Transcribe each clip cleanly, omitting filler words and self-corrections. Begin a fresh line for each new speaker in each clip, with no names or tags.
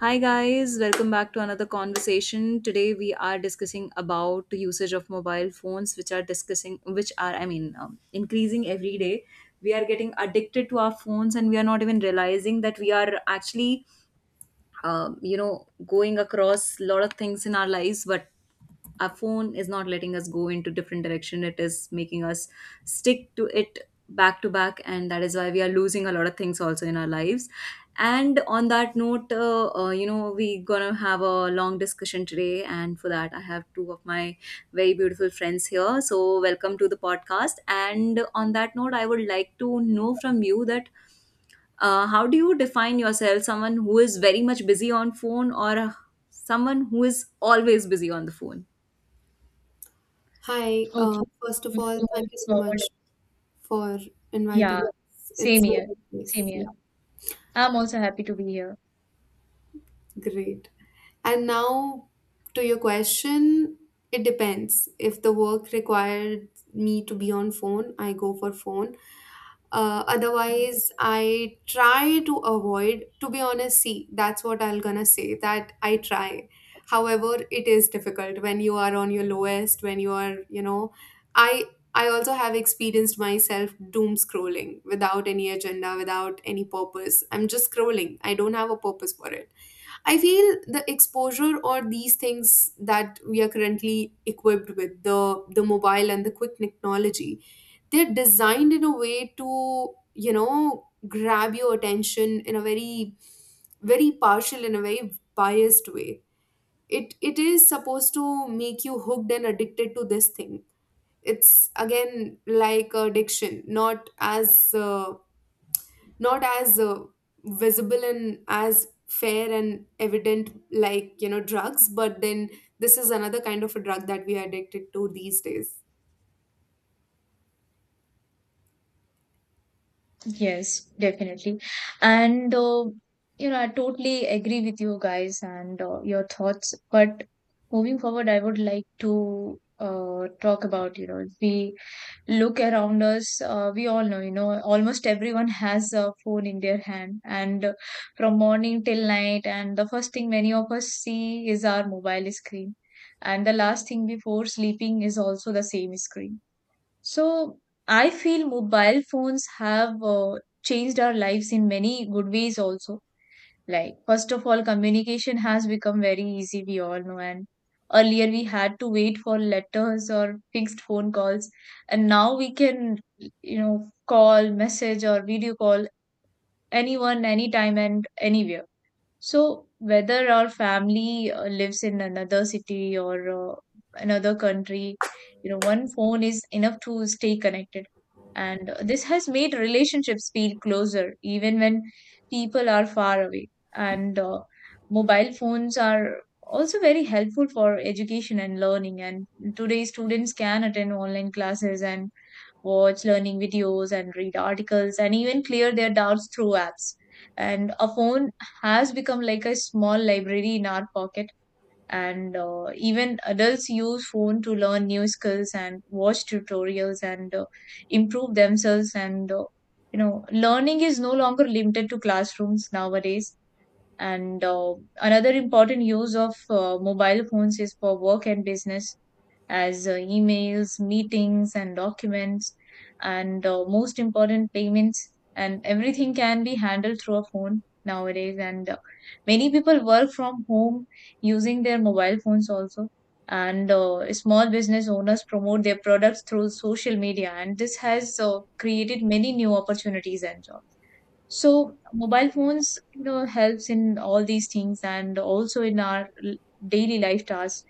Hi guys, welcome back to another conversation. Today we are discussing about the usage of mobile phones, which are discussing, which are I mean, increasing every day. We are getting addicted to our phones, and we are not even realizing that we are actually you know going across a lot of things in our lives, but our phone is not letting us go into different direction. It is making us stick to it back to back, and that is why we are losing a lot of things also in our lives. And on that note, you know, we are gonna have a long discussion today, and for that I have two of my very beautiful friends here. So welcome to the podcast. And on that note, I would like to know from you that how do you define yourself: someone who is very much busy on phone, or someone who is always busy on the phone?
Hi,
Okay,
first of
before
all,
moving
thank you so much
forward,
for inviting
yeah,
us.
same
It's
here,
really
same
nice. Yeah,
here. I'm also happy to be here.
great. And now to your question, it depends. If the work required me to be on phone, I go for phone. Otherwise, I try to avoid, to be honest. See, that's what I'm gonna say, that I try. However, it is difficult when you are on your lowest, when you are, you know, i I also have experienced myself doom scrolling without any agenda, without any purpose. I'm just scrolling, I don't have a purpose for it. I feel the exposure or these things that we are currently equipped with, the mobile and the quick technology, they're designed in a way to, you know, grab your attention in a very very partial, in a very biased way. It is supposed to make you hooked and addicted to this thing. It's again like addiction, not as uh, not as visible and as fair and evident like, you know, drugs. But then this is another kind of a drug that we are addicted to these days.
Yes, definitely. And you know, I totally agree with you guys and your thoughts. But moving forward, I would like to talk about, you know, the look around us we all know, you know, almost everyone has a phone in their hand, and from morning till night, and the first thing many of us see is our mobile screen, and the last thing before sleeping is also the same screen. So I feel mobile phones have changed our lives in many good ways also. Like, first of all, communication has become very easy, we all know. And earlier we had to wait for letters or fixed phone calls. And now we can, you know, call, message, or video call anyone, anytime, and anywhere. So, whether our family lives in another city or another country, you know, one phone is enough to stay connected. And this has made relationships feel closer, even when people are far away. And mobile phones are also very helpful for education and learning. And today, students can attend online classes and watch learning videos and read articles and even clear their doubts through apps. And a phone has become like a small library in our pocket. And even adults use phone to learn new skills and watch tutorials and improve themselves. And you know, learning is no longer limited to classrooms nowadays. And another important use of mobile phones is for work and business, as emails, meetings, and documents, and most important, payments. And everything can be handled through a phone nowadays. And many people work from home using their mobile phones also. And small business owners promote their products through social media, and this has created many new opportunities and jobs. So mobile phones, you know, helps in all these things and also in our daily life tasks,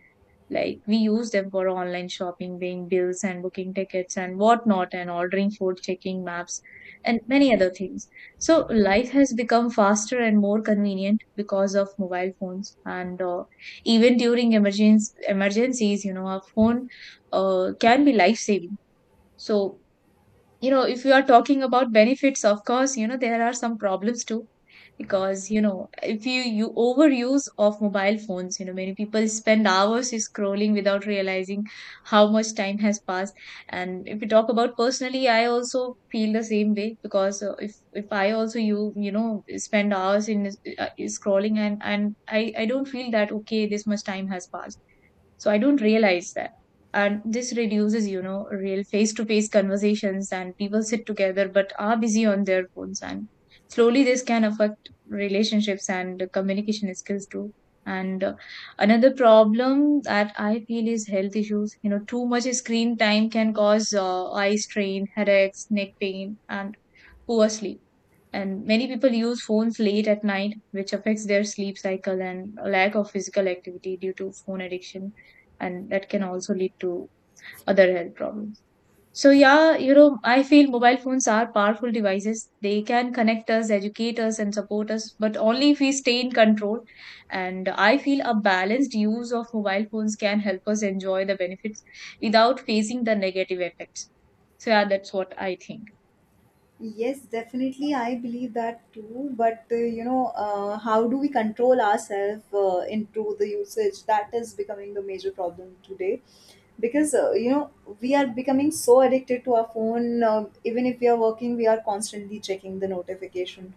like we use them for online shopping, paying bills and booking tickets and whatnot, and ordering food, checking maps, and many other things. So life has become faster and more convenient because of mobile phones. And even during emergency emergencies, you know, a phone can be life saving. So you know, if you are talking about benefits, of course, you know there are some problems too, because you know if you overuse of mobile phones, you know many people spend hours scrolling without realizing how much time has passed. And if we talk about personally, I also feel the same way, because if I also, you know, spend hours in uh, scrolling, and I don't feel that, okay, this much time has passed, so I don't realize that. And this reduces, you know, real face to face conversations, and people sit together but are busy on their phones, and slowly this can affect relationships and communication skills too. And another problem that I feel is health issues. You know, too much screen time can cause eye strain, headaches, neck pain, and poor sleep. And many people use phones late at night, which affects their sleep cycle, and lack of physical activity due to phone addiction, and that can also lead to other health problems. So, yeah, you know, I feel mobile phones are powerful devices. They can connect us, educate us, and support us, but only if we stay in control. And I feel a balanced use of mobile phones can help us enjoy the benefits without facing the negative effects. So, yeah, that's what I think.
Yes, definitely. I believe that too. But you know, how do we control ourselves into the usage? That is becoming the major problem today, because you know, we are becoming so addicted to our phone. Even if we are working, we are constantly checking the notification.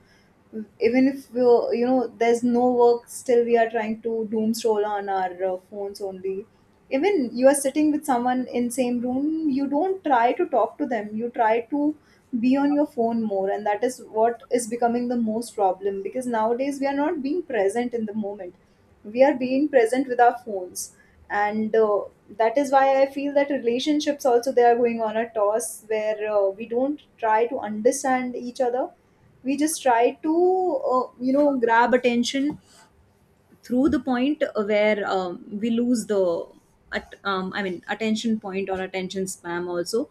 Even if we are, you know, there's no work, still we are trying to doom scroll on our phones only. Even you are sitting with someone in same room, you don't try to talk to them. You try to be on your phone more, and that is what is becoming the most problem, because nowadays we are not being present in the moment. We are being present with our phones. And that is why I feel that relationships also, they are going on a toss, where we don't try to understand each other. We just try to you know, grab attention through the point where we lose the I mean, attention point or attention spam also,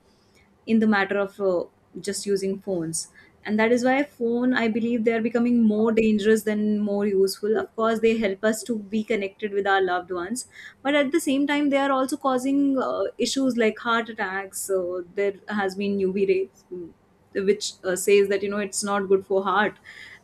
in the matter of just using phones. And that is why phone, I believe, they are becoming more dangerous than more useful. Of course, they help us to be connected with our loved ones, but at the same time they are also causing issues like heart attacks. So there has been UV rays, which says that, you know, it's not good for heart.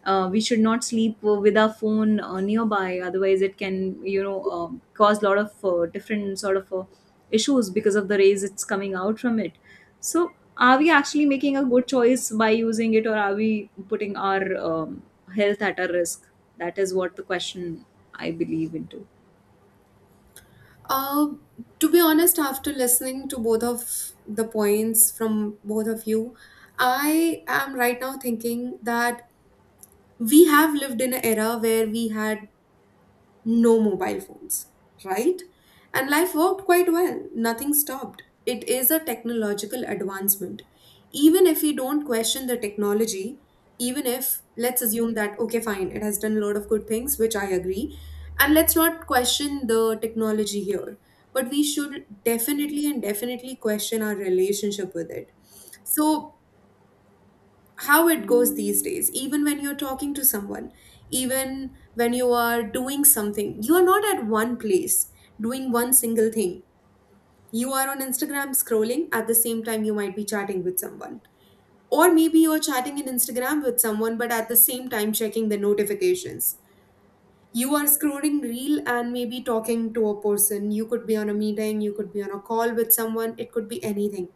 We should not sleep with our phone nearby, otherwise it can, you know, cause a lot of different sort of issues because of the rays it's coming out from it. So, are we actually making a good choice by using it, or are we putting our health at a risk? That is what the question I believe into.
Uh, to be honest, after listening to both of the points from both of you, I am right now thinking that we have lived in an era where we had no mobile phones, right? And life worked quite well, nothing stopped. It is a technological advancement. Even if we don't question the technology, even if, let's assume that, okay, fine, it has done a lot of good things, which I agree, and let's not question the technology here, but we should definitely and definitely question our relationship with it. So how it goes these days, even when you're talking to someone, even when you are doing something, you are not at one place doing one single thing. You are on Instagram scrolling, at the same time you might be chatting with someone. Or maybe you're chatting in Instagram with someone but at the same time checking the notifications. You are scrolling reel and maybe talking to a person, you could be on a meeting, you could be on a call with someone, it could be anything.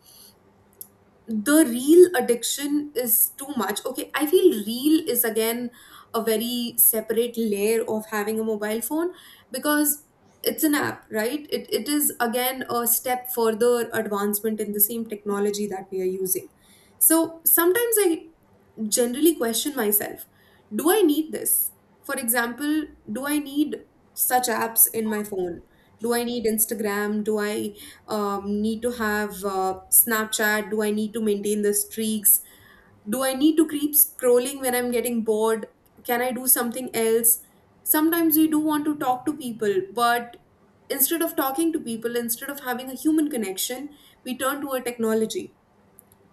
The real addiction is too much. Okay, I feel real is again a very separate layer of having a mobile phone, because it's an app, right? It is again a step further advancement in the same technology that we are using. So sometimes I generally question myself, do I need this? For example, do I need such apps in my phone? Do I need Instagram? Do I need to have Snapchat? Do I need to maintain the streaks? Do I need to keep scrolling when I'm getting bored? Can I do something else? Sometimes we do want to talk to people, but instead of talking to people, instead of having a human connection, we turn to a technology.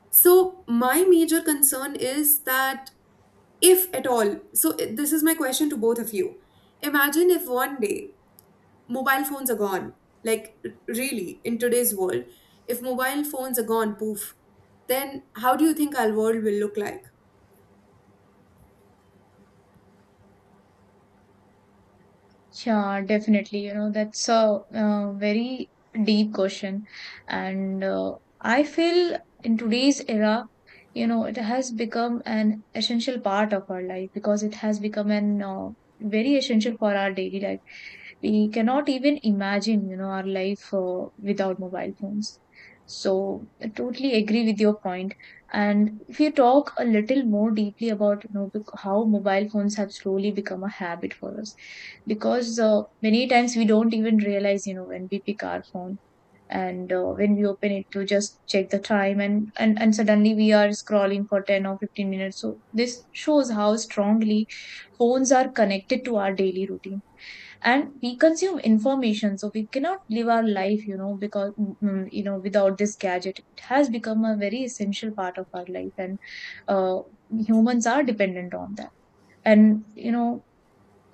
So my major concern is that, if at all. This is my question to both of you. Imagine if one day mobile phones are gone. Like really, in today's world, if mobile phones are gone, poof, then how do you think our world will look like?
Yeah, definitely. You know, that's a very deep question. And I feel in today's era, you know, it has become an essential part of our life, because it has become an very essential for our daily life. We cannot even imagine, you know, our life without mobile phones. So I totally agree with your point. And if you talk a little more deeply about, you know, how mobile phones have slowly become a habit for us, because many times we don't even realize, you know, when we pick our phone, and when we open it to just check the time, and suddenly we are scrolling for 10 or 15 minutes. So this shows how strongly phones are connected to our daily routine, and we consume information, so we cannot live our life, you know, because you know, without this gadget, it has become a very essential part of our life. And uh, humans are dependent on that. And you know,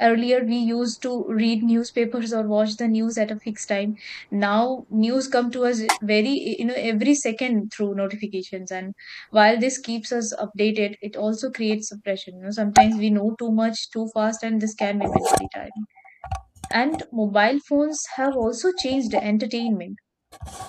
earlier we used to read newspapers or watch the news at a fixed time. Now news come to us very, you know, every second through notifications. And while this keeps us updated, it also creates suppression. You know, sometimes we know too much too fast, and this can be mentally tiring. And mobile phones have also changed entertainment.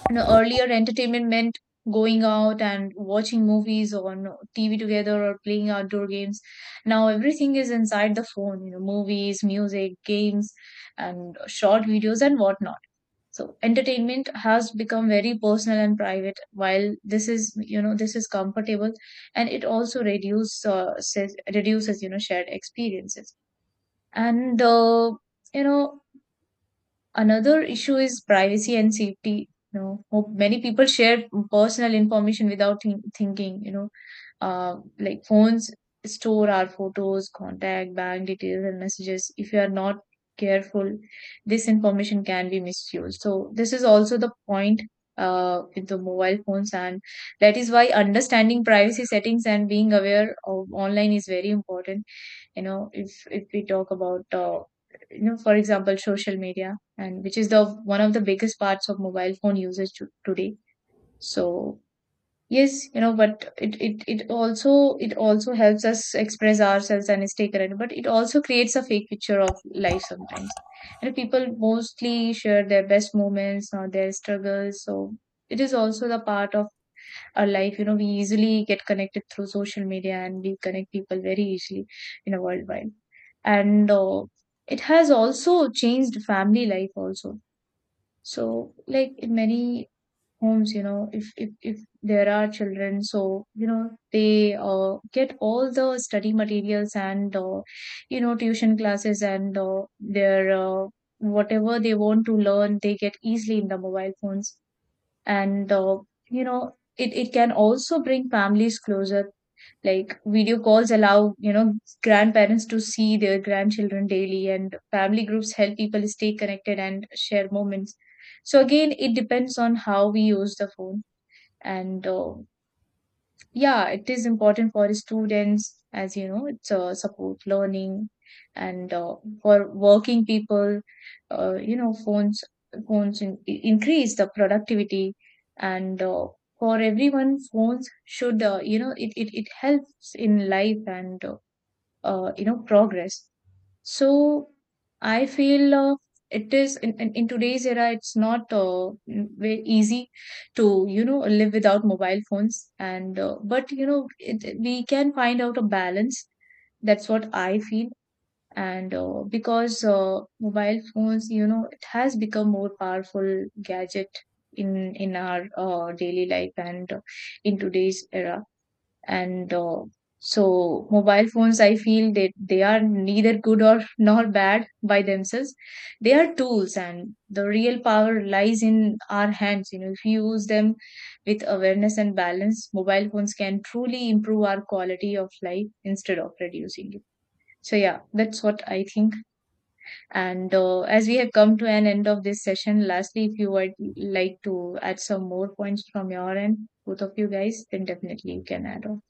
You know, earlier entertainment meant going out and watching movies on TV together or playing outdoor games. Now everything is inside the phone, you know, movies, music, games, and short videos and whatnot. So entertainment has become very personal and private, while this is, you know, this is comfortable, and it also reduces, reduces, you know, shared experiences. And, uh, you know, another issue is privacy and safety. You know, hope many people share personal information without thinking, you know, like phones store our photos, contact, bank details, and messages. If you are not careful, this information can be misused. So this is also the point with the mobile phones. And that is why understanding privacy settings and being aware of online is very important. You know, if we talk about, you know, for example, social media, and which is the one of the biggest parts of mobile phone usage to, today. So yes, you know, but it also, it also helps us express ourselves and stay current, but it also creates a fake picture of life sometimes. And people mostly share their best moments or their struggles. So it is also the part of our life. You know, we easily get connected through social media, and we connect people very easily in a worldwide. And it has also changed family life also. So, like in many homes, you know, if there are children, so you know they get all the study materials, and you know, tuition classes, and their whatever they want to learn, they get easily in the mobile phones. And you know, it can also bring families closer, like video calls allow, you know, grandparents to see their grandchildren daily, and family groups help people stay connected and share moments. So again, it depends on how we use the phone. And yeah, it is important for students, as you know, it's support learning. And for working people, you know, phones increase the productivity. And for everyone phones should you know, it helps in life, and you know, progress. So I feel it is in today's era, it's not very easy to you know live without mobile phones. And but you know it, we can find out a balance. That's what I feel. And because mobile phones, you know, it has become more powerful gadget in our daily life, and in today's era, and so mobile phones, I feel that they are neither good or nor bad by themselves. They are tools, and the real power lies in our hands. You know, if you use them with awareness and balance, mobile phones can truly improve our quality of life instead of reducing it. So yeah, that's what I think. And as we have come to an end of this session, lastly, if you would like to add some more points from your end, both of you guys, then definitely you can add on.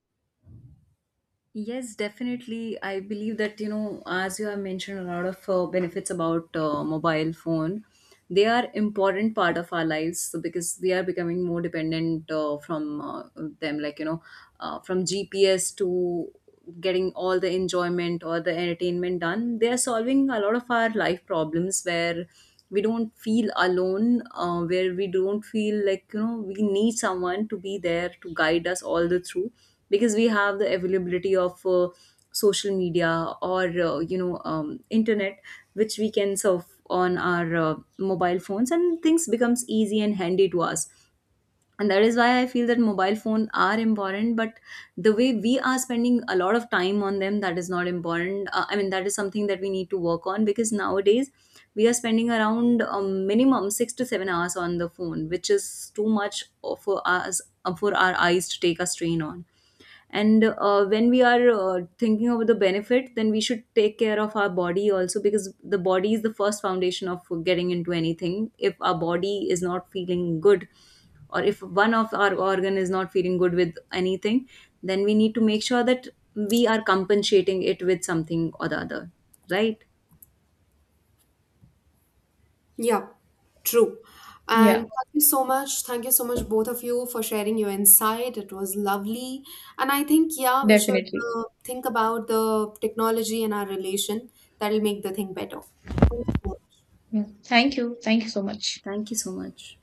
Yes, definitely. I believe that, you know, as you have mentioned a lot of benefits about mobile phone, they are important part of our lives, so because we are becoming more dependent from them, like, you know, from GPS to getting all the enjoyment or the entertainment done. They are solving a lot of our life problems, where we don't feel alone, where we don't feel like, you know, we need someone to be there to guide us all the through, because we have the availability of social media or you know, internet which we can surf on our mobile phones, and things becomes easy and handy to us. And that is why I feel that mobile phone are important, but the way we are spending a lot of time on them, that is not important. I mean, that is something that we need to work on, because nowadays we are spending around minimum 6 to 7 hours on the phone, which is too much for us, for our eyes to take a strain on. And when we are thinking about the benefit, then we should take care of our body also, because the body is the first foundation of getting into anything. If our body is not feeling good, or if one of our organ is not feeling good with anything, then we need to make sure that we are compensating it with something or the other, right?
Yeah, true. And
Yeah.
thank you so much. Thank you so much, both of you, for sharing your insight. It was lovely. And I think, yeah, we should
Definitely.
think about the technology and our relation. That'll make the thing better. Thank you so much.
Yeah. Thank you. Thank you so much.
Thank you so much.